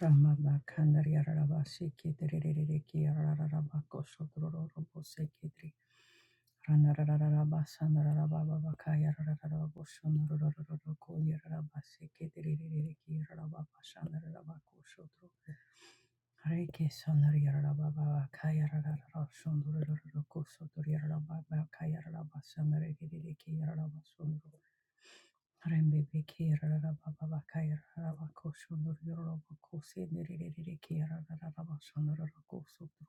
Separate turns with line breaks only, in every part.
Rama Reiki sonori yarara baba baka yarara rara sondoro rara roko sotori yarara baba baka yarara basa nareke Rembebe kera raba baba kaya raba koshonor yoroba kose nererere kera raba shonor raba sotro.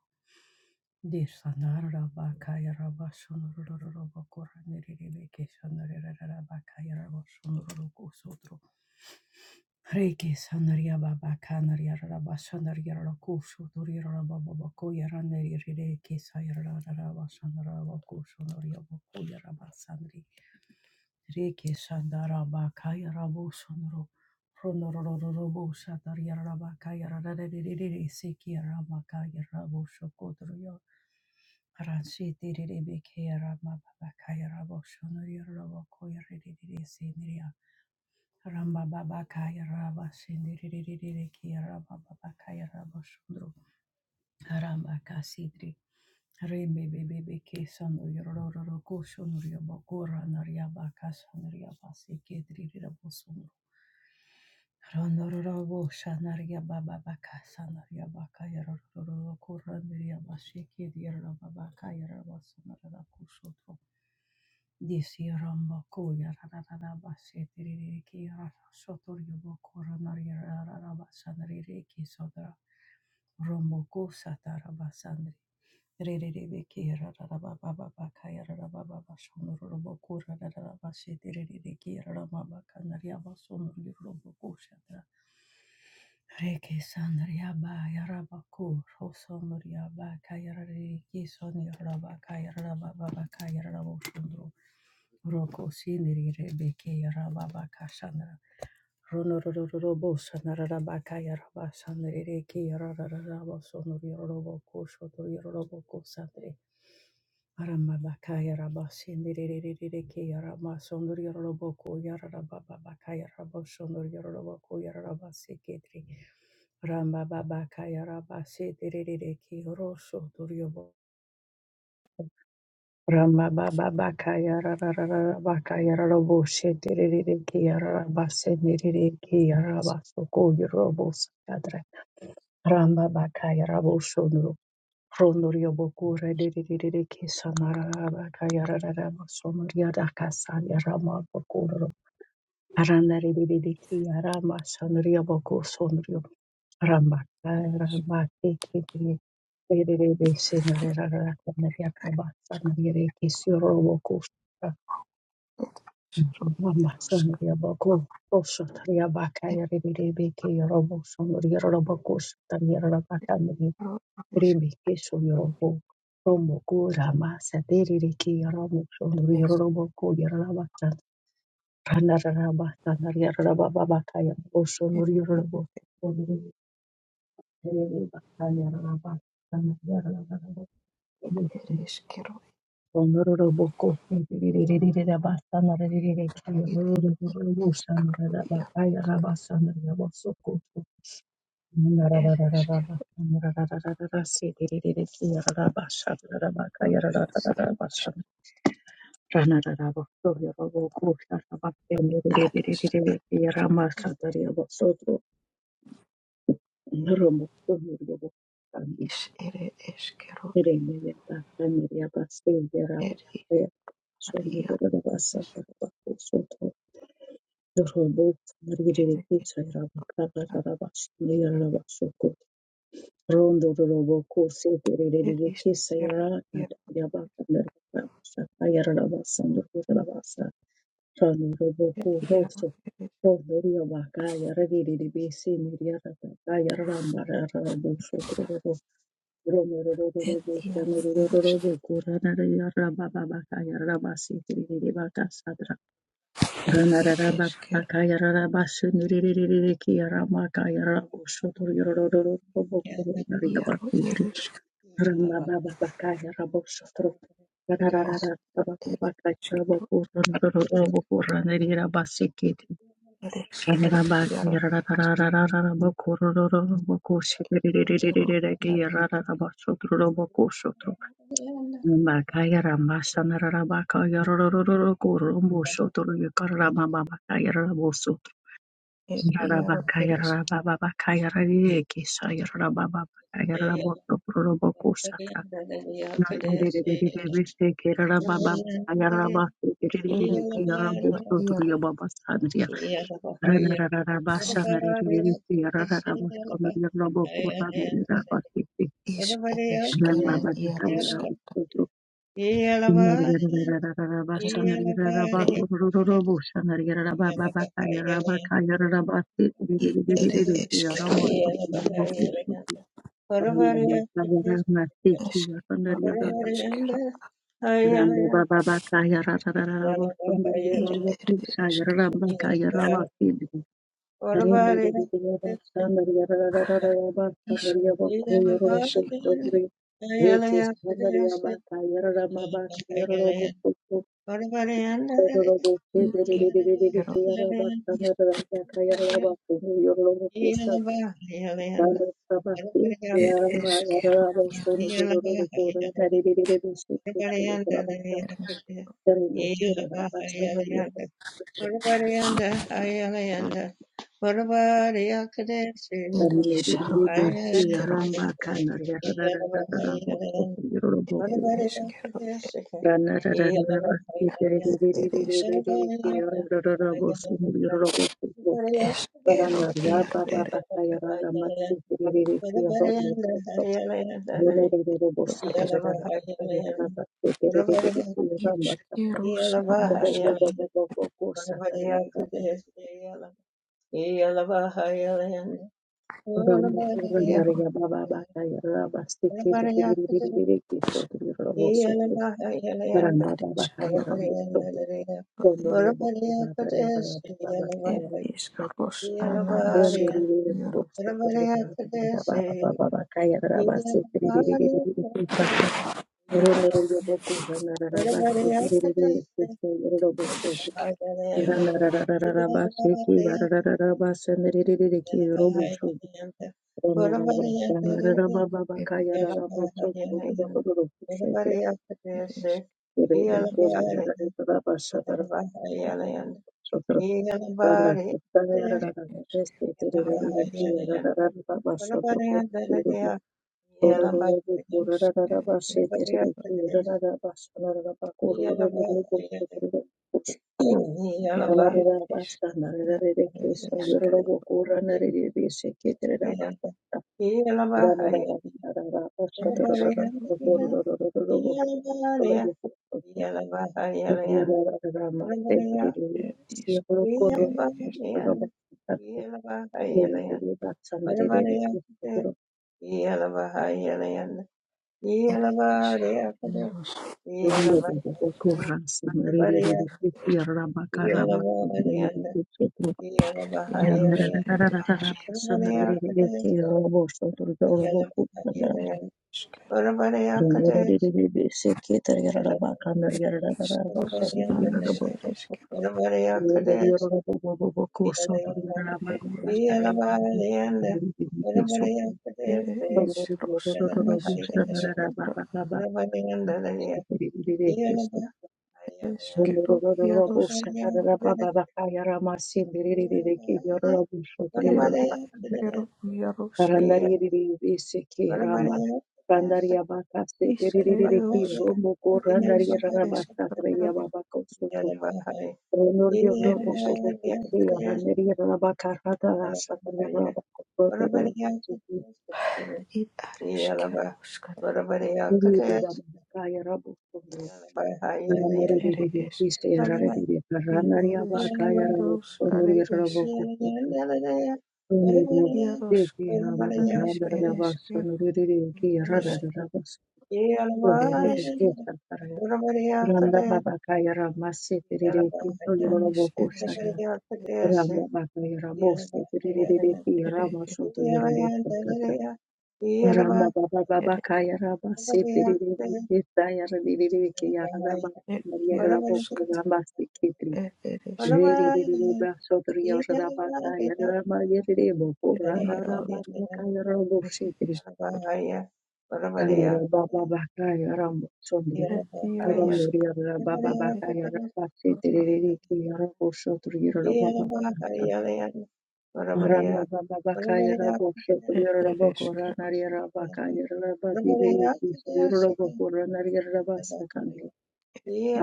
Deshanar raba kaya raba shonor raba kora nererere keshanor raba kaya raba shonor raba sotro. Reiki shanar yaba baba kanar yara raba shanar yara koshotor yara baba baba koya nererere kesaya raba raba shanar raba koshonor yaba koya raba sandri. Reke Shandaraba Kaya Rabo Sonoro Ronororobo Shataria Raba Kaya Rarariri Siki Rama Kaya Rabo Shokodroyo Ranshi Tiriribi Kaya Rama Baba Kaya Rabo Shonoria Rabo Koya Riri Sindria Ramba Baba Kaya Raba Sindiri Kaya Rama Baba Kaya Rabo Haramba kasidri. Rebe bebe beke sanu yororo kosho nuriaba gora nariaba kasha nariaba sekedri rirabo sunu. Ronororo shanariaba baba kasa nariaba kaya rororo kora nariaba sekedri yaraba baka yaraba sanaraba kushotro. Disi ramba koya rararaba sediriki rara sotor yobo kora nariaba sanariki Romoko satarabasandri. Rerebeke rarabababakaya rarabababashonoro roboko rarabashete rerebeke rarababakanaria basonoro roboko shatra. Reke sanariaba yarabako rosonoriaba kaya rareke sonia rabakaya rarababakaya raraboshondoro. Roko sinri rebeke Runorororobo sanarabakaya rabasanarereke yarararabo sonorororobo koshotorororobo kosandre. Aramabakaya rabasindirerereke yarama sonorororobo koyararababakaya rabo sonorororobo koyararabaseketri. Rambababakaya rabasindirereke yorosotoriobo Ramba Mama Sandia Boko, Rosa Taria Baka,
Eskero,
Rebeke, Robo, Sonoria Robocos, Taria Rabakani,
ereske,
Rebeke, Soyorobo, Romo, Gura, Masa, Deriki, Romo, Sonoria Roboco, Yarabatan, Rana Rabatan, Yarababaka, Rosso, Nuria
eske,
Robo, Bakaya Rabatan, Yarabatan,
ereskero,
Honorable
ere, eres iar, ereskero, eres esk, eres es, er, is, ere, eskero, er, is,
Thank
ar, iar, es,
you. Robo Margere
ere,
Pizza Rabakara
iar,
Rabash Yarabashoko Rondo Robo Kose
er, iskero, iar, er, iar, eres, er, iar, eres, ere,
Pere
eskero,
Kesa Yara
iar,
Yabaka Rabasha Yarabasando Rabasa Rano Robo Ko Rosso Rondo Yabaka Yaragiri Besi Miriata Yaramba Rabo Soto Romo Robo Robo Robo Kurana Yarababa Yarabasi Tiribaka Bakaya
Yeah.
eresk,
yeah, well, it
ar,
is.
ere, eskero, ereskero, iar, ar, eskero, iar,
Everybody
Ramasana Rabaka Yaroro Kurumbu Shotoru Karama Baba Kayara
er, iar, eres, ere, eskero,
Thank
Er is ereskero iaroskata
Ramba
else
er ereskero
Yeah.
i er eskero eskero ereskero ir er eskero is er eskero i
Reke standard yaba kayarara maba kayarara bokoto Thank
er eskero is
Yeah.
er eskero iaros er er isaro areskero er eskero i er eskero
you.
eskero
Baranaria
iaro
Baba
er
Bakayara Matikiri Homo Lunarero
er
Bosa
is
Tarera Bakayara Bakiri
Yalabariya,
Rama
iskero
Rombo
snanaskata
Bobo Bobo Bosa Tarera Rombo
iaro
Ranaria Baba Bakayara Bastiki Riki Sotri Rosso Ramba Baba Kayara
areskero
Mitobi Honorio Bosa Tarera Baba
It is
Kayara
Rosh
Rondo
Ananaska Yarosk Yaro
Yeah.
it is it is Yaros
Thank
it is Yaro is it is Rosk it is it it is Ya
Yeah,
it is
you. Rerere vatsangarere rekurekura
it is Yaro Yar it is it is it is Yaros
rinoda kukorasa rerere rekupira rabakarama rekurekura
Yaros it
ranararararara
is
pasangarere rekerabo sotororobo kutanda
it is
rerere beseketa rarabakana
it is
rarararara
Rosk
pasangarere
Nanis
rarabo
it is
soko
Yaro
rerere rarabo koso rarama
it is
Yeah.
bakaya rerere keso
Ere
rerere
išrūs nanis
rarabo
ereškitro
sangarara
Ora
ereškero ieroskata er ereškero ierosk iškeruska nanis ereškitro
Randari
ereškitro ir ereškeruskata
bariya
kato
kudeya
ere
Yaramerereye
eškero
hise yararereye
ir
karanarya bakayarabo
ereškerus are
sonurira
eš
bokufu sonuriyo seki
ieroska
hama
nanis
kandara yaba
ereškerusk
sonurire ki yararara rabas
Yeah.
sonurira
ereške
bokufu karaya randa baba kayara masse terire ki sonurira
nanis
bokufu
ereškitro
ramba bakayara bosse terire ki
ere
yarama
ere
sotu yarabo kakra ramba baba baba
ere
kayara basse terire ki yararere ki yararaba yarabo ramba se ki Rama
ieroskata Ieros eres
Yarabahaya, Barabareya,
et
Yarabahaya,
ieros
Barabareya,
et
Yarabahaya, Leyan, Barabareya, Barabareya, Barabareya, Yarabahaya, Leyan,
eres et
Barabareya, Barabareya, Barabareya, Barabareya,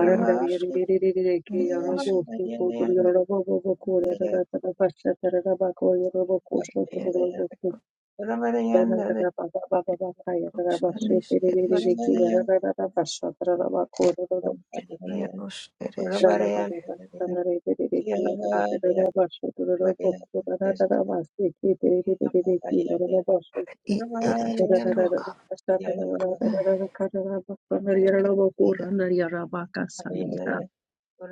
Aranda Arandariyariyariyariyariki
eres
yoroboshi kotor yorobobobokori ararararabashatararabako
et
yorobokoshotoroboko
Barabareya,
banararababababakaya
ieros anis eres
rarabashetiriyariyariki
et
yararararabashatararabako roroboshotor
Yarabahaya,
ieros eres kero et
ranararararararariyariyariki yararararabashotoroboko
Barabareya, Yeah.
ranarararabasikitiriyariyariki yoroboboshotor
i eres kero a
ranararararabashatararararakararabako
sker iero
ranariyarabakasaniyara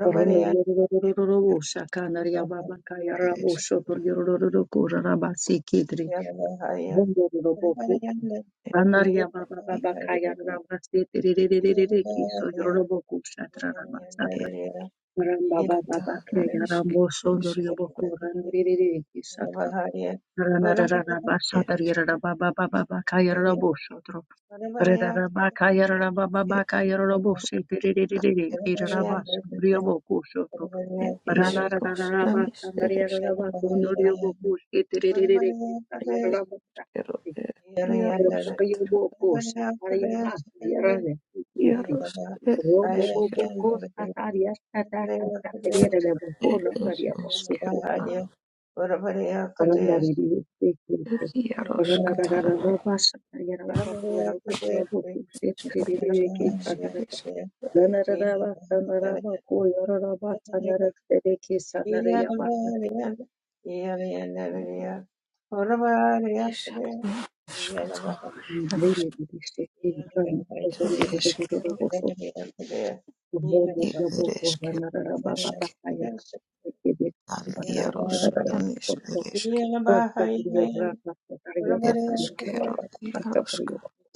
Rono
et
yorororororo
iero
shakana riababa kaya rabo
eres et
shoto yororororo kora rabasi kidri. Rondo roboku anaria baba
i
baba kaya rabasi tiririririri kiso yororoboku shatra rabasata.
et
Ramba baba
kata
baba kaya
nanis
rambo
eres
shoto yoboku raniririri kisatra. Ranararara basata
eres
rirara baba baba baba kaya rabo shoto. Rana
et eres et is ros nanis eres kero
Yeah.
et
Robo bobo ko tataria tata tata periere de boko
It is
randaria bosu ko
Esquerra,
Thank
it Yaros Catar, Escaris, Nis Eresquer, Isarua, Escatar, Yaros, Esquero,
Yeah.
it Eresquer, Esqueral, Yaros, Nis Eresquer, Eresquero, Yarosca,
you.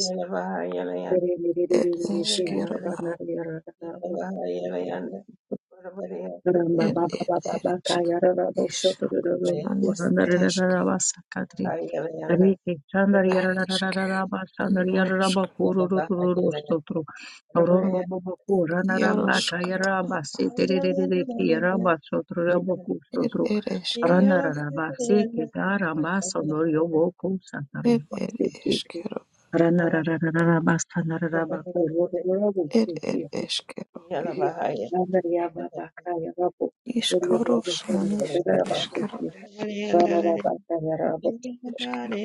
it Esquero,
Ramba
it
baba
it
baba baka
Eresquer,
yarara bosho
Isarus,
tururu
Nis
bukurana rara
Eresquer,
rara basa kadri Reke Chandra
Eresquer,
Yarararaba Chandra Yararaba
Yarosca,
Kururu Stotro Rombo Boboku Ranaraba
Yarosca,
Kayaraba Setere Kiraba Sotro Raboku
it
Sotro
Eresquero,
Ranaraba Seke Daramba Sondor Yoboku
it
Santariaba Seke
Eresquero.
Ranararaba Sandaraba Kururu Rabu
Ed ed
Seke
eskero i-
Chandra Yababa Kayarabo Kururu
iskoro
Rabu
smanis eskero
Kururu Rabu Seke
eskero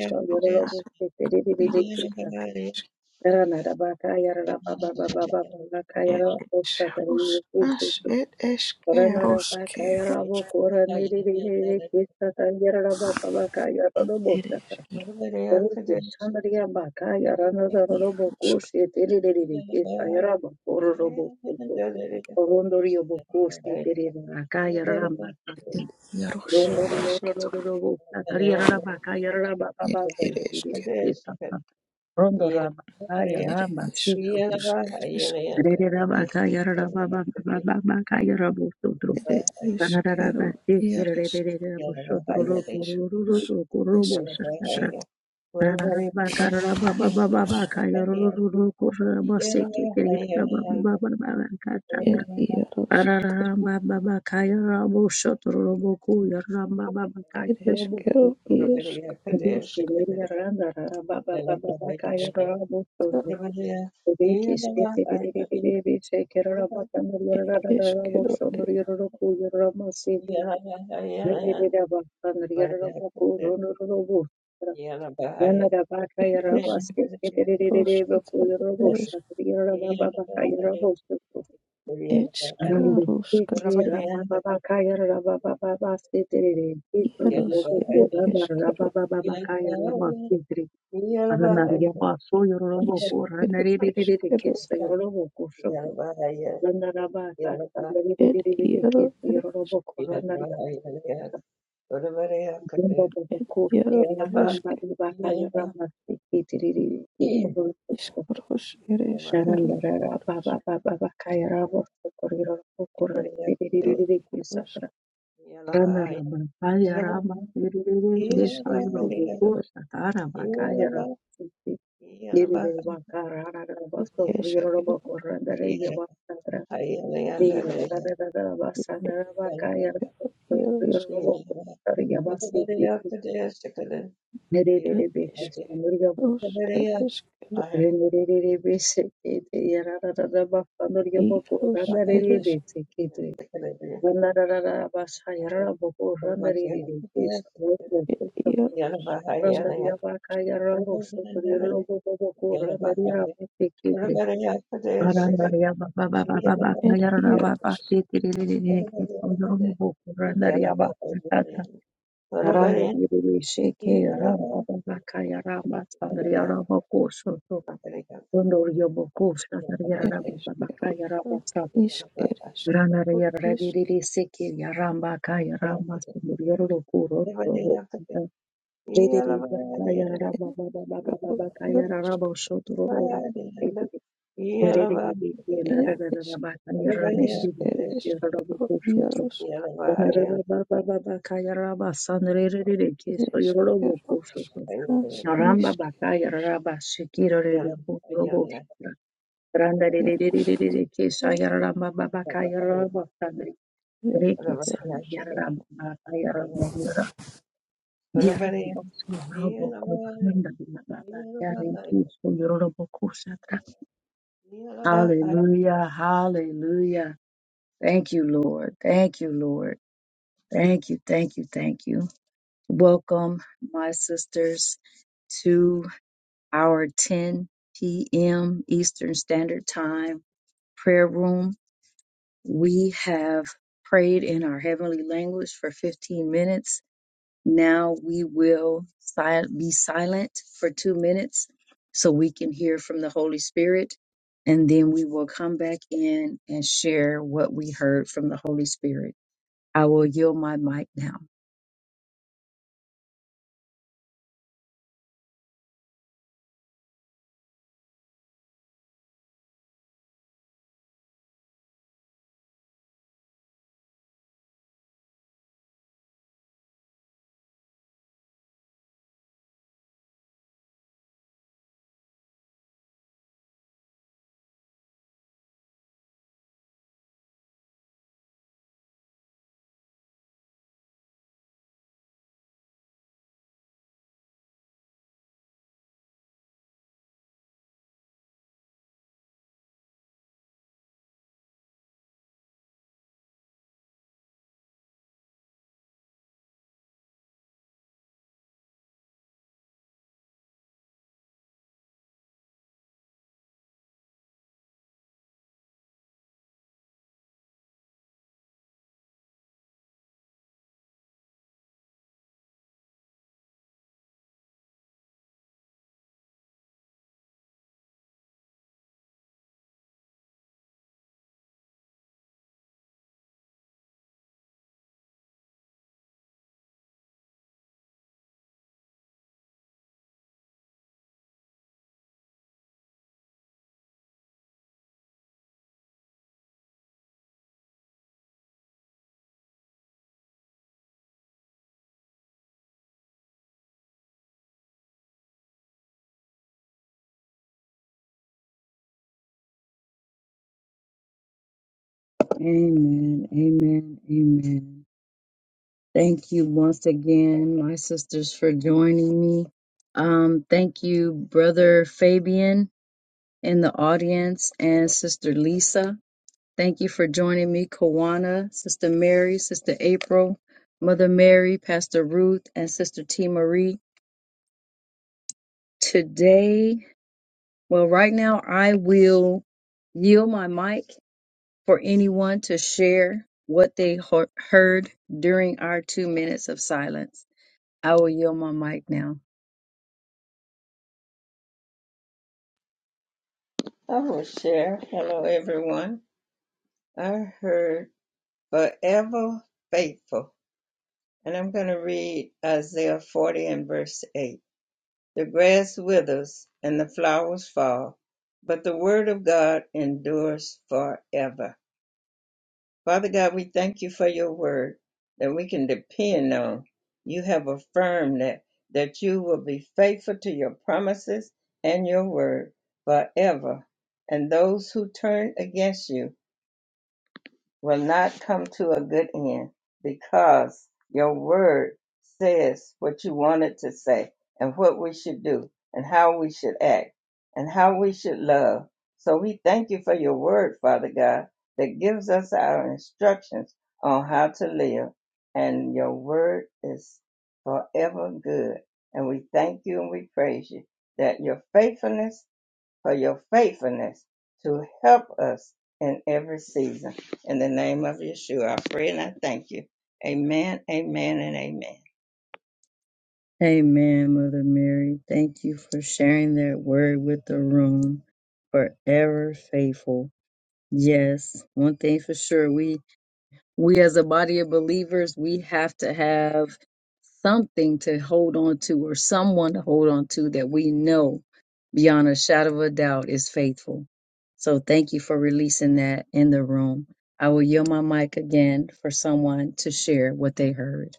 isruada nas ed esrus nas ed eskero skero ed eskero iaros
Rondori obo kose terera akaya rama
ed iaros
Rondo
eskero
Yeah.
ed ed
Yeah,
eskero
raba kaya
ed
raba sikidri.
esrus ed
Rere
eskero
raba
ed
kaya raba ba ba ba ba ba kaya rabu sudru.
ed
Kanara
eskero
raba sikir rere
iaros
rere rabu sudru
ed
robu ruru
esrus
ruru kurubu
eskero
shakatra. Rana raba kara raba ba
ed
ba ba ba kaya ruru ruru kurabu sikidri raba ba ba ba ba ba
ed
kachatra. Rana
iaros
raba ba ba kaya rabu sudru robu kuya raba ba ba kaya
It is
rabu sudru.
kettle, isk, usk,
Dėstėme randa rara ba ba ba ba ba kaya
iskata.
rabo sondro veikiai švietė vėliavėliai šekė raba ten ir
It
rada
is
rara
kettle,
sondro
it
ir roku ir rama sėdi vėliava ba ir rabo kūrų rabo yana raba kaya
it
raba
is
sėkė vėliavėliai
roskata.
ir rabo
It is
šakė ba ko yara bostondro yara ra
Yeah.
ba ba ba kaya rabo sondro
it's
randa sėkė
karoskata.
ba ba ba kaya ra ba ba ba raba baba sėdi vėliavėliai
Yaros, it is
rara ba
kettle,
ba ba ba kaya rama Aranaria baso yororobo ko
isk, it
ranare de de
is
de de
kettle.
keso yororobo ko shoto. Lanara ba ka sanare de de
It
de de de
yaro,
keso
it
yororobo ko ranaria ba. Jumba ba ba
it
ko
yaro, it is
yaramba de ba ka yaramba de kitiri de de de de keso yororobo ko.
iskaros, it is
Naranda
kettle,
rara ba
yaros,
ba ba ba ba ka yarabo ko yororobo ko ra de de de de
ro,
de de keso
yaros,
tra. Ranara ba ka yaramba de de de de
it is
keso
kettle,
yororobo ko satara ba ka yaramba. Randa yabaka yarabo
it
sotori
is
robo
kettle,
bobo ko randa yabaka
Yeah.
it is kettle, it is kettle. Ilus eres et io
tekidre Arandaria baba baba baba
et
nayarara
io
baba shetiririri sondoromu boku randaria baba tatra arandaririri sheke aram baba baka yaram sandria rama koso to sondorio boku shandaria rama
eres
baba baka
eroca
yaram satra
isc eres
randaria
Írus
radiriri seke yaram baka yaram sondorio roku roto
Everybody have to get
to
all
ririri
of our
baka
agenda.
yarama baba baba
ereskja
baba baka
Everybody
yaram sotoro
have to get all of our
elja
agenda.
ereskerolja
Everybody
iskereskerol
have to get
iskereskerol jarosk ereskeris ereskerol eres
all of our agenda. Everybody have to get all of our agenda.
ereskerolsk nas
Ramba bakaya
iskeros
raba shekiro rebe kurobo shara. Randa de de de de de de de kesha
jaro
yararamba babaka
Everybody
yararamba sandri.
all of
Reke
our all of our
san yararamba baba yararamba yara.
all of
Yararamba
our I
surabo kuranda bina baba. Yararamba surabo kushatra. Hallelujah, hallelujah, Thank you, Lord. Thank you, Lord. Thank you, thank you, thank you. Welcome, my sisters, to our 10 p.m. Eastern Standard Time prayer room. We have prayed in our heavenly language for 15 minutes. Now we will si- be silent for two minutes so we can hear from the Holy Spirit. And then we will come back in and share what we heard from the Holy Spirit. I will yield my mic now. Amen. Amen. Amen. Thank you once again, my sisters, for joining me. Um, thank you, Brother Fabian in the audience and Sister Lisa. Thank you for joining me, Kawana, Sister Mary, Sister April, Mother Mary, Pastor Ruth, and Sister T. Marie. Today, well, right now, I will yield my mic for anyone to share what they hear- heard during our two minutes of silence. I will yield my mic now.
will share. Hello, everyone. I heard forever faithful. And I'm going to read Isaiah 40 and verse 8. The grass withers and the flowers fall, but the word of God endures forever. Father God, we thank you for your word that we can depend on. You have affirmed that, that you will be faithful to your promises and your word forever. And those who turn against you, will not come to a good end because your word says what you wanted to say and what we should do and how we should act and how we should love. So we thank you for your word, Father God, that gives us our instructions on how to live. And your word is forever good. And we thank you and we praise you that your faithfulness for your faithfulness to help us in every season. In the name of Yeshua, I pray and I thank you. Amen, amen, and amen.
Amen, Mother Mary. Thank you for sharing that word with the room. Forever faithful. Yes, one thing for sure. We we as a body of believers, we have to have something to hold on to or someone to hold on to that we know beyond a shadow of a doubt is faithful. So thank you for releasing that in the room. I will yield my mic again for someone to share what they heard.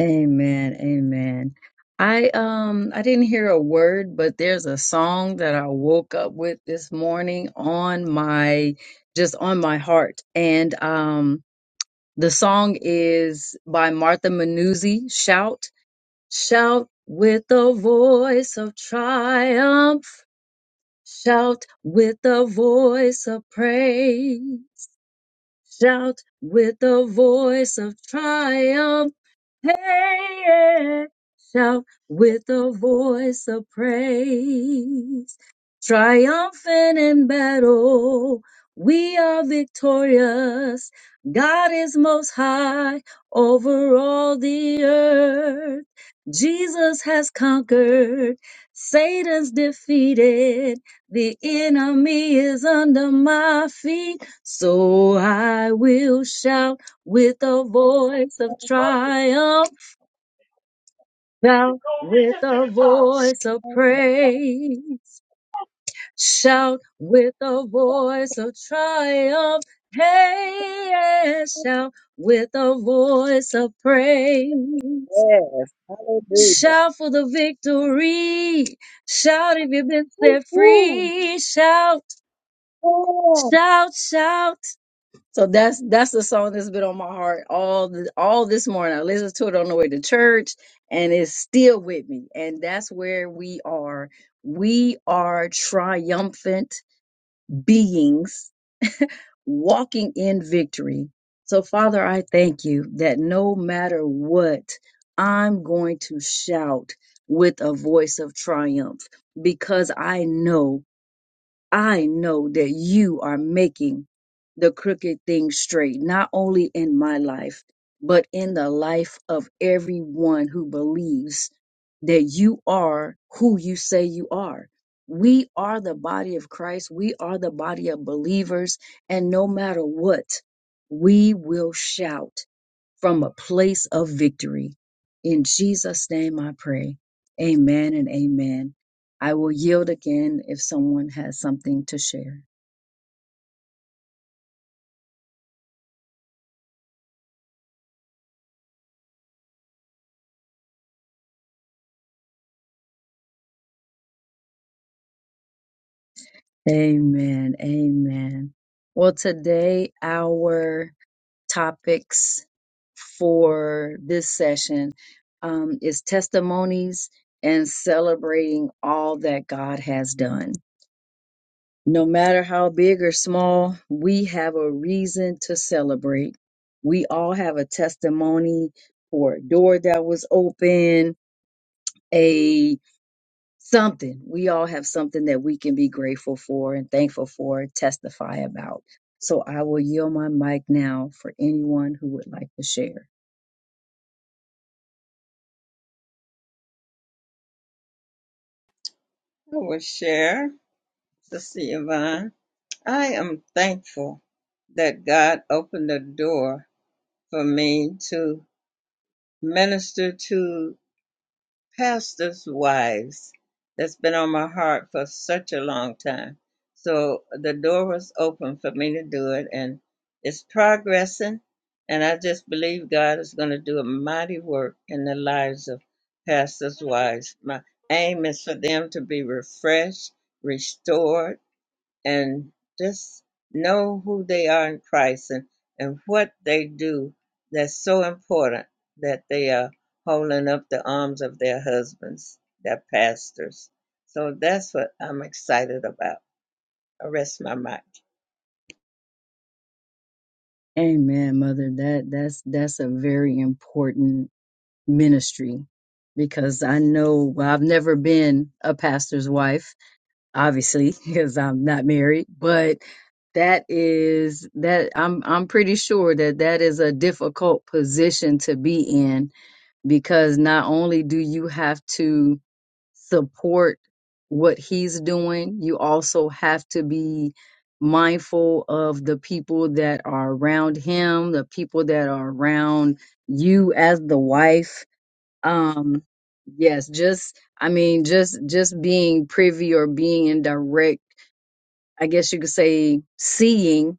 Amen. Amen. I um I didn't hear a word, but there's a song that I woke up with this morning on my just on my heart. And um The song is by Martha Manuzzi, Shout. Shout with the voice of triumph. Shout with the voice of praise. Shout with the voice of triumph Hey, yeah. shout with a voice of praise. Triumphant in battle, we are victorious. God is most high over all the earth. Jesus has conquered, Satan's defeated, the enemy is under my feet. So I will shout with a voice of triumph, shout with a voice of praise, shout with a voice of triumph, hey, yeah. shout with a voice of praise,
Yeah, hallelujah.
shout for the victory, shout if you've been set
Woo.
free, shout,
Yeah.
shout, shout. So that's that's the song that's been on my heart all the, all this morning. I listened to it on the way to church, and it's still with me. And that's where we are. We are triumphant beings walking in victory. So Father, I thank you that no matter what, I'm going to shout with a voice of triumph because I know. I know that you are making the crooked things straight, not only in my life, but in the life of everyone who believes that you are who you say you are. We are the body of Christ. We are the body of believers. And no matter what, we will shout from a place of victory. In Jesus' name I pray. Amen and amen. I will yield again if someone has something to share. Amen. Amen. Well, today our topics for this session um, is testimonies and celebrating all that God has done. No matter how big or small, we have a reason to celebrate. We all have a testimony for a door that was open, a something. We all have something that we can be grateful for and thankful for, and testify about. So I will yield my mic now for anyone who would like to share.
I will share, Sister Yvonne. I am thankful that God opened the door for me to minister to pastors' wives that's been on my heart for such a long time. So the door was open for me to do it, and it's progressing. And I just believe God is going to do a mighty work in the lives of pastors' wives. My aim is for them to be refreshed, restored, and just know who they are in Christ and, and what they do that's so important that they are holding up the arms of their husbands, their pastors. So that's what I'm excited about. I rest my mind.
Amen, mother. That that's that's a very important ministry because I know well, I've never been a pastor's wife obviously because I'm not married, but that is that I'm I'm pretty sure that that is a difficult position to be in because not only do you have to support what he's doing, you also have to be mindful of the people that are around him, the people that are around you as the wife. Um yes, just I mean just just being privy or being in direct I guess you could say, seeing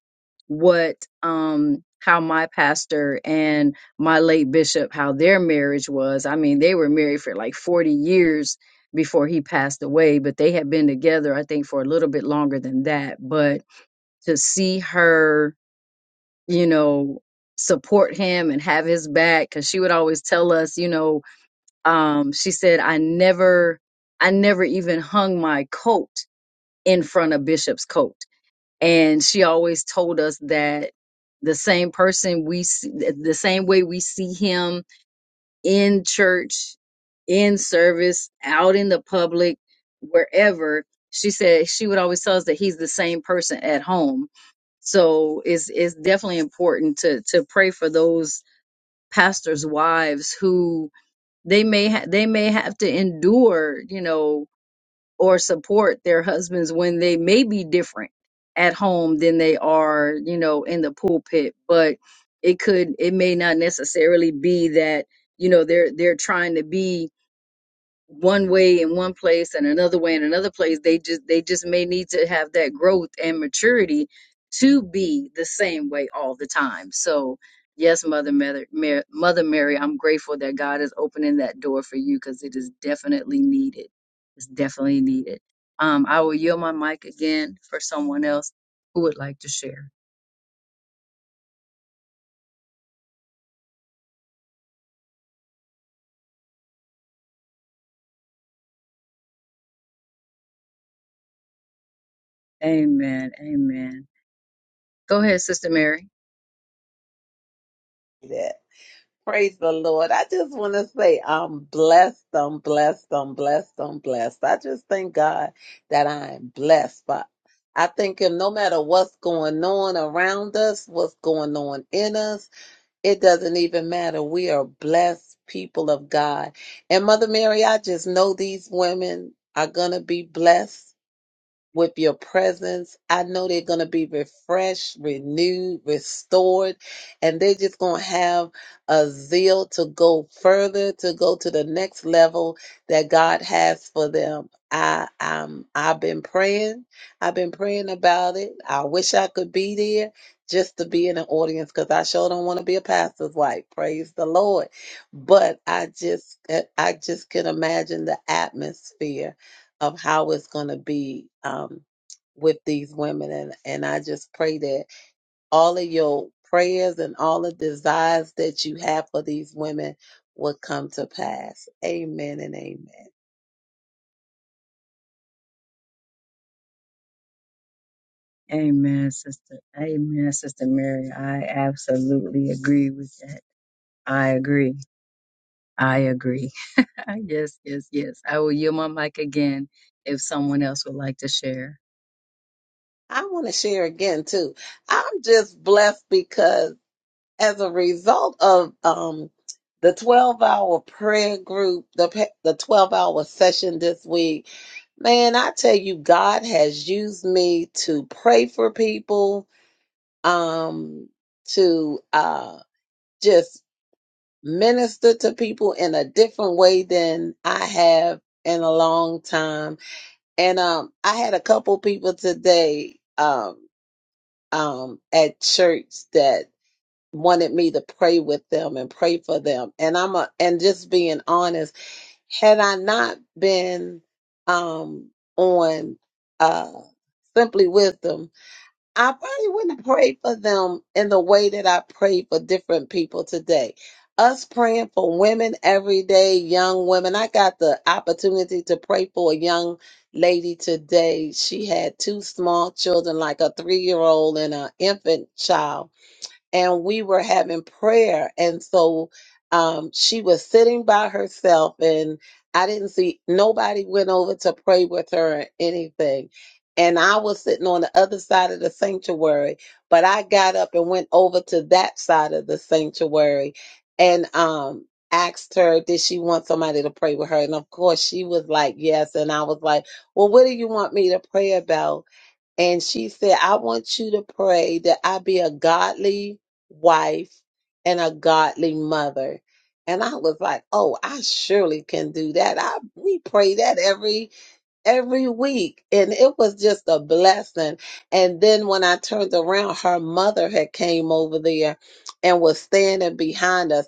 what um how my pastor and my late bishop how their marriage was. I mean, they were married for like 40 years before he passed away, but they had been together I think for a little bit longer than that, but to see her, you know, support him and have his back cuz she would always tell us, you know, um she said I never I never even hung my coat in front of Bishop's coat and she always told us that the same person we see, the same way we see him in church in service out in the public wherever she said she would always tell us that he's the same person at home so it's it's definitely important to to pray for those pastors wives who they may ha- they may have to endure you know or support their husbands when they may be different at home than they are, you know, in the pulpit. But it could, it may not necessarily be that, you know, they're they're trying to be one way in one place and another way in another place they just they just may need to have that growth and maturity to be the same way all the time so yes mother mary, mary mother mary i'm grateful that god is opening that door for you because it is definitely needed it's definitely needed um i will yield my mic again for someone else who would like to share amen amen go ahead sister mary
Yeah. Praise the Lord. I just want to say I'm blessed, I'm blessed, I'm blessed, I'm blessed. I just thank God that I am blessed. But I think Him no matter what's going on around us, what's going on in us, it doesn't even matter. We are blessed people of God. And Mother Mary, I just know these women are going to be blessed with your presence. I know they're going to be refreshed, renewed, restored, and they're just going to have a zeal to go further, to go to the next level that God has for them. I um I've been praying. I've been praying about it. I wish I could be there just to be in the audience because I sure don't want to be a pastor's wife. Praise the Lord. But I just I just can imagine the atmosphere of how it's going to be um, with these women. And, and I just pray that all of your prayers and all the desires that you have for these women will come to pass. Amen and amen.
Amen, sister. Amen, sister Mary. I absolutely agree with that. I agree. I agree. yes, yes, yes. I will yield my mic again if someone else would like to share.
I want to share again, too. I'm just blessed because as a result of um, the 12 hour prayer group, the, pe- the 12 hour session this week, Man, I tell you, God has used me to pray for people, um, to uh, just minister to people in a different way than I have in a long time. And um, I had a couple people today um, um, at church that wanted me to pray with them and pray for them. And I'm a, and just being honest, had I not been um, on uh, Simply Wisdom, I probably wouldn't pray for them in the way that I pray for different people today. Us praying for women every day, young women. I got the opportunity to pray for a young lady today. She had two small children, like a three year old and an infant child and we were having prayer. And so um, she was sitting by herself, and I didn't see nobody went over to pray with her or anything. And I was sitting on the other side of the sanctuary, but I got up and went over to that side of the sanctuary and um, asked her, Did she want somebody to pray with her? And of course, she was like, Yes. And I was like, Well, what do you want me to pray about? And she said, I want you to pray that I be a godly wife and a godly mother. And I was like, oh, I surely can do that. I we pray that every every week. And it was just a blessing. And then when I turned around, her mother had came over there and was standing behind us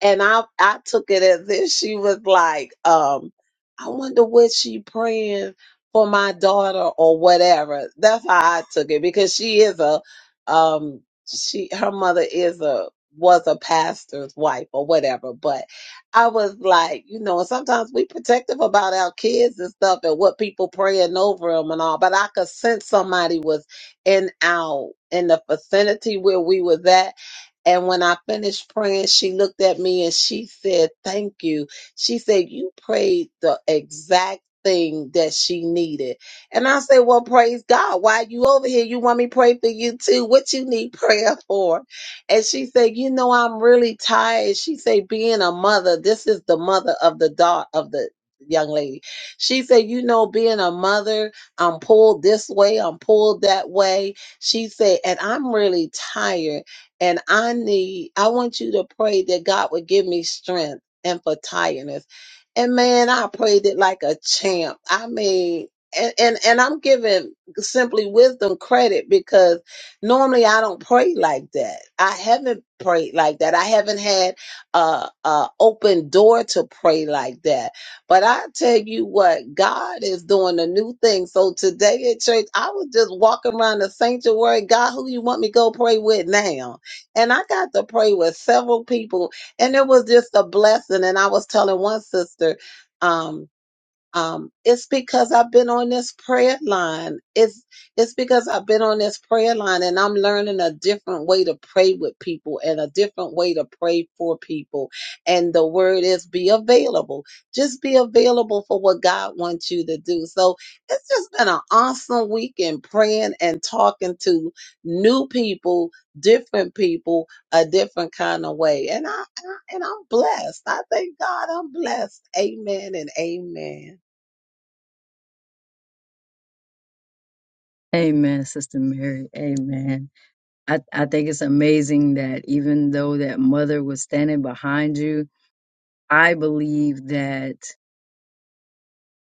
and I I took it as if she was like, um, I wonder what she praying for my daughter or whatever. That's how I took it because she is a um she her mother is a was a pastor's wife or whatever. But I was like, you know, sometimes we protective about our kids and stuff and what people praying over them and all. But I could sense somebody was in our in the vicinity where we was at and when I finished praying, she looked at me and she said, Thank you. She said, You prayed the exact thing that she needed. And I said, Well, praise God. Why you over here? You want me to pray for you too? What you need prayer for? And she said, You know, I'm really tired. She said, Being a mother, this is the mother of the daughter of the young lady. She said, You know, being a mother, I'm pulled this way, I'm pulled that way. She said, and I'm really tired. And I need, I want you to pray that God would give me strength and for tiredness. And man, I prayed it like a champ. I mean, and, and, and I'm giving simply wisdom credit because normally I don't pray like that. I haven't prayed like that. I haven't had a, a open door to pray like that. But I tell you what, God is doing a new thing. So today at church, I was just walking around the sanctuary. God, who you want me to go pray with now? And I got to pray with several people, and it was just a blessing. And I was telling one sister, um, um, it's because I've been on this prayer line. It's it's because I've been on this prayer line and I'm learning a different way to pray with people and a different way to pray for people. And the word is be available. Just be available for what God wants you to do. So it's just been an awesome weekend praying and talking to new people, different people, a different kind of way. And I and I- and I'm blessed. I thank God I'm blessed. Amen and amen.
Amen, sister Mary. Amen. I, I think it's amazing that even though that mother was standing behind you, I believe that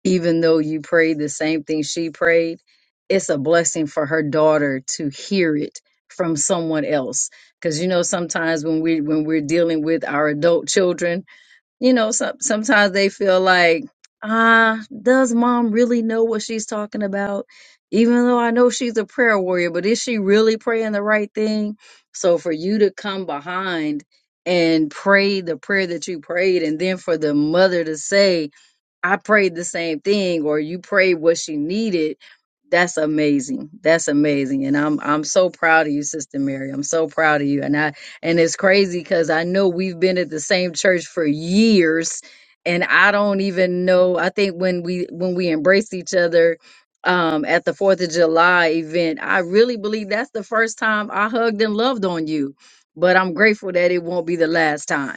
even though you prayed the same thing she prayed, it's a blessing for her daughter to hear it from someone else. Because you know, sometimes when we when we're dealing with our adult children, you know, some, sometimes they feel like, ah, does mom really know what she's talking about? Even though I know she's a prayer warrior, but is she really praying the right thing? So for you to come behind and pray the prayer that you prayed, and then for the mother to say, I prayed the same thing or you prayed what she needed. That's amazing. That's amazing. And I'm I'm so proud of you, Sister Mary. I'm so proud of you. And I and it's crazy because I know we've been at the same church for years and I don't even know. I think when we when we embraced each other um at the Fourth of July event, I really believe that's the first time I hugged and loved on you. But I'm grateful that it won't be the last time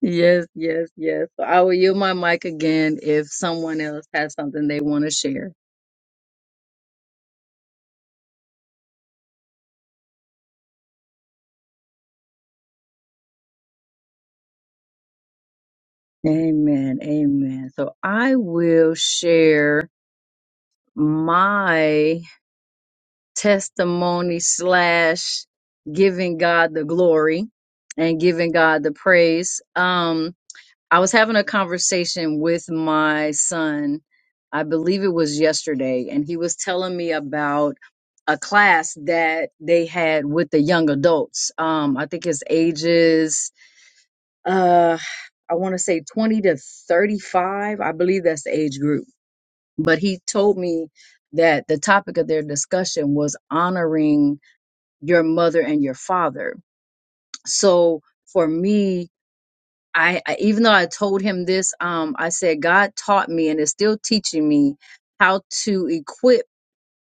Yes, yes, yes. So I will yield my mic again if someone else has something they want to share. Amen. Amen. So I will share my testimony slash giving God the glory and giving God the praise. Um, I was having a conversation with my son, I believe it was yesterday, and he was telling me about a class that they had with the young adults. Um, I think it's ages, uh, I want to say 20 to 35. I believe that's the age group. But he told me that the topic of their discussion was honoring your mother and your father. So for me, I, I even though I told him this, um, I said God taught me and is still teaching me how to equip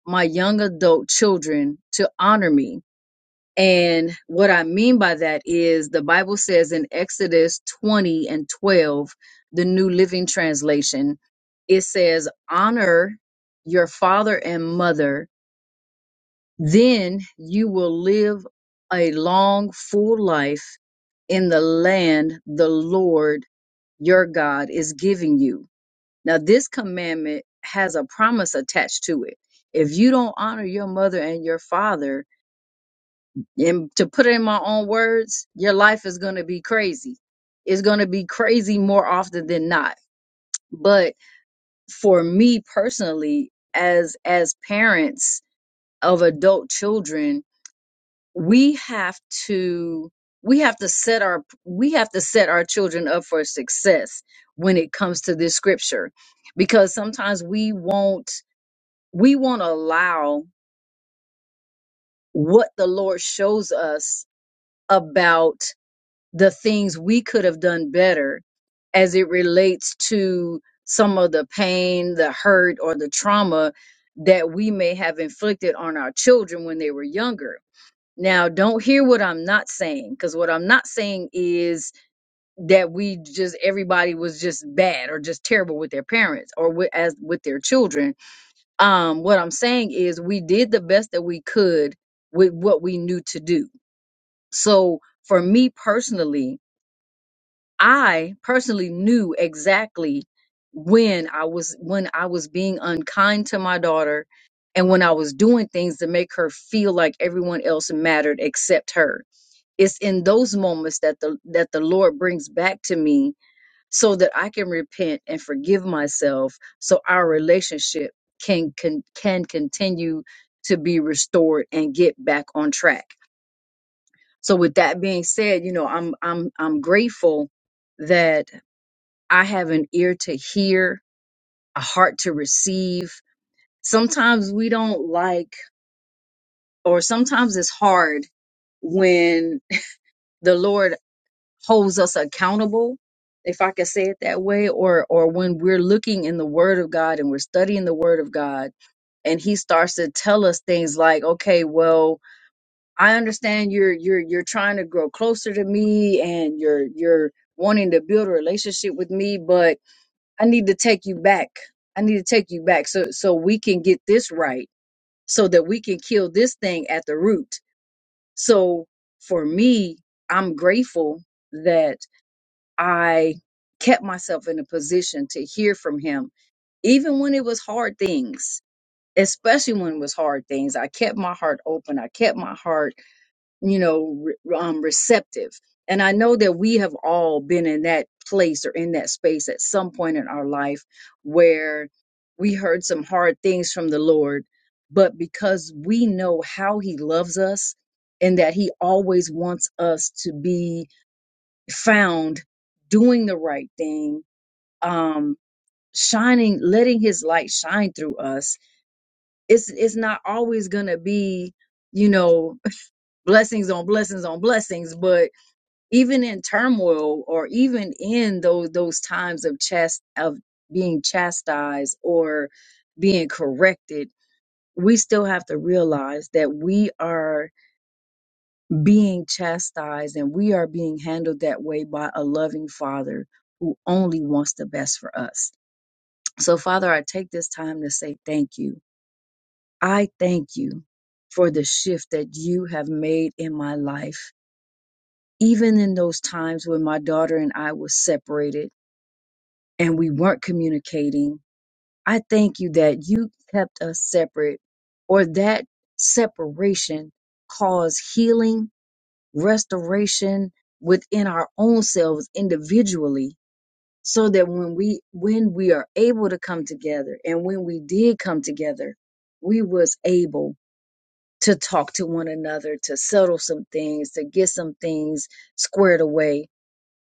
my young adult children to honor me. And what I mean by that is the Bible says in Exodus 20 and 12, the New Living Translation, it says, Honor your father and mother, then you will live a long, full life in the land the Lord your God is giving you. Now, this commandment has a promise attached to it. If you don't honor your mother and your father, and to put it in my own words, your life is going to be crazy. It's going to be crazy more often than not. But for me personally, as as parents of adult children, we have to we have to set our we have to set our children up for success when it comes to this scripture because sometimes we won't we won't allow what the lord shows us about the things we could have done better as it relates to some of the pain the hurt or the trauma that we may have inflicted on our children when they were younger Now, don't hear what I'm not saying, because what I'm not saying is that we just everybody was just bad or just terrible with their parents or with, as with their children. Um, what I'm saying is we did the best that we could with what we knew to do. So for me personally, I personally knew exactly when I was when I was being unkind to my daughter and when I was doing things to make her feel like everyone else mattered except her it's in those moments that the that the lord brings back to me so that i can repent and forgive myself so our relationship can can, can continue to be restored and get back on track so with that being said you know i'm i'm i'm grateful that i have an ear to hear a heart to receive sometimes we don't like or sometimes it's hard when the lord holds us accountable if i could say it that way or or when we're looking in the word of god and we're studying the word of god and he starts to tell us things like okay well i understand you're you're you're trying to grow closer to me and you're you're wanting to build a relationship with me but i need to take you back i need to take you back so so we can get this right so that we can kill this thing at the root so for me i'm grateful that I kept myself in a position to hear from him, even when it was hard things, especially when it was hard things. I kept my heart open. I kept my heart, you know, re- um, receptive. And I know that we have all been in that place or in that space at some point in our life where we heard some hard things from the Lord, but because we know how he loves us and that he always wants us to be found doing the right thing, um, shining, letting his light shine through us. It's it's not always gonna be, you know, blessings on blessings on blessings, but even in turmoil or even in those those times of chast of being chastised or being corrected, we still have to realize that we are being chastised and we are being handled that way by a loving father who only wants the best for us. So, Father, I take this time to say thank you. I thank you for the shift that you have made in my life, even in those times when my daughter and I were separated and we weren't communicating. I thank you that you kept us separate or that separation caused healing restoration within our own selves individually so that when we when we are able to come together and when we did come together we was able to talk to one another to settle some things to get some things squared away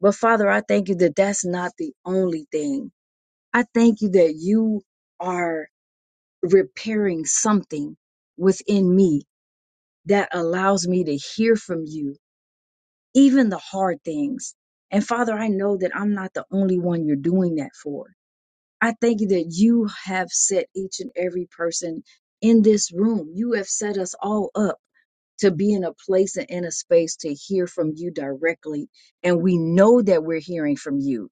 but father i thank you that that's not the only thing i thank you that you are repairing something within me that allows me to hear from you even the hard things. And Father, I know that I'm not the only one you're doing that for. I thank you that you have set each and every person in this room. You have set us all up to be in a place and in a space to hear from you directly. And we know that we're hearing from you.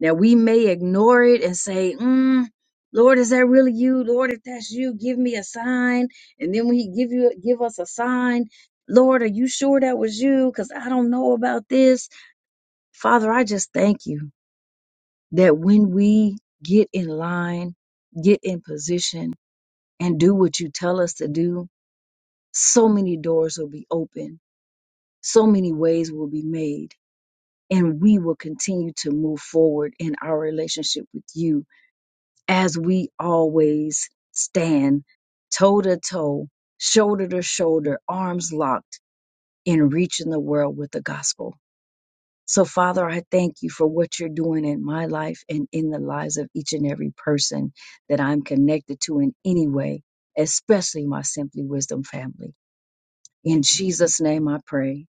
Now, we may ignore it and say, mm, Lord, is that really you? Lord, if that's you, give me a sign. And then when he give you give us a sign, Lord, are you sure that was you? Because I don't know about this. Father, I just thank you that when we get in line, get in position, and do what you tell us to do, so many doors will be open so many ways will be made and we will continue to move forward in our relationship with you as we always stand toe to toe, shoulder to shoulder, arms locked in reaching the world with the gospel. So, Father, I thank you for what you're doing in my life and in the lives of each and every person that I'm connected to in any way, especially my Simply Wisdom family. In Jesus' name I pray.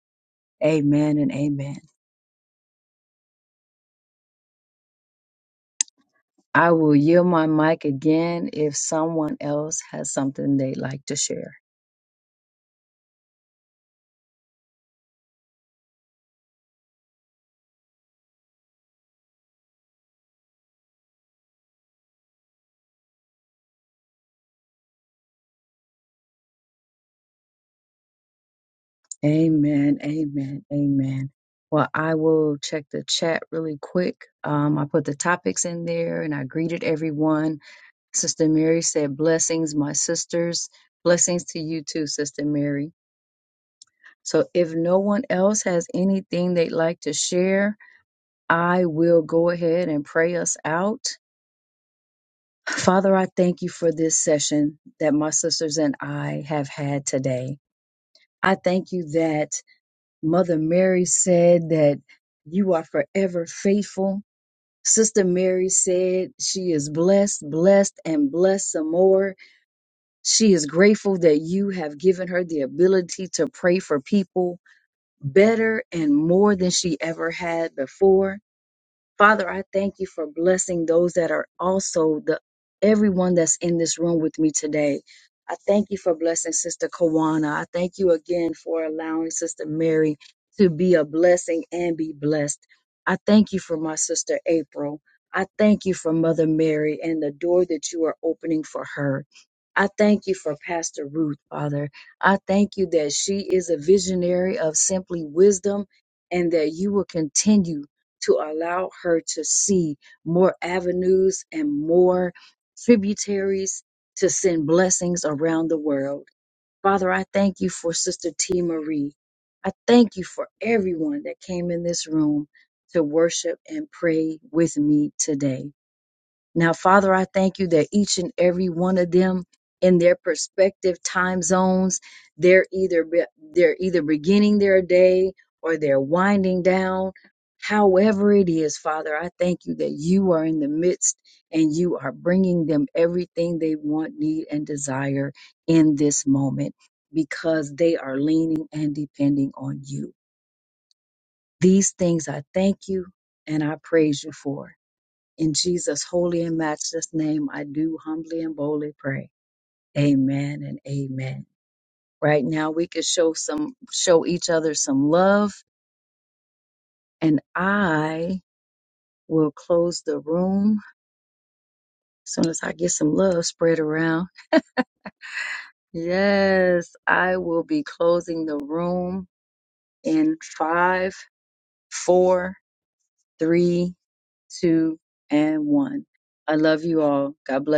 Amen and amen. I will yield my mic again if someone else has something they'd like to share. Amen, amen, amen. Well, I will check the chat really quick. Um, I put the topics in there and I greeted everyone. Sister Mary said, Blessings, my sisters. Blessings to you too, Sister Mary. So if no one else has anything they'd like to share, I will go ahead and pray us out. Father, I thank you for this session that my sisters and I have had today. I thank you that Mother Mary said that you are forever faithful. Sister Mary said she is blessed, blessed, and blessed some more. She is grateful that you have given her the ability to pray for people better and more than she ever had before. Father, I thank you for blessing those that are also the everyone that's in this room with me today. I thank you for blessing Sister Kawana. I thank you again for allowing Sister Mary to be a blessing and be blessed. I thank you for my sister April. I thank you for Mother Mary and the door that you are opening for her. I thank you for Pastor Ruth, Father. I thank you that she is a visionary of simply wisdom and that you will continue to allow her to see more avenues and more tributaries to send blessings around the world. Father, I thank you for Sister T. Marie. I thank you for everyone that came in this room to worship and pray with me today. Now, Father, I thank you that each and every one of them in their perspective time zones, they're either be- they're either beginning their day or they're winding down. However it is, Father, I thank you that you are in the midst and you are bringing them everything they want, need and desire in this moment because they are leaning and depending on you. These things I thank you and I praise you for. In Jesus' holy and matchless name, I do humbly and boldly pray. Amen and amen. Right now, we could show some, show each other some love, and I will close the room as soon as I get some love spread around. Yes, I will be closing the room in five, four, three, two, and one. I love you all. God bless. you.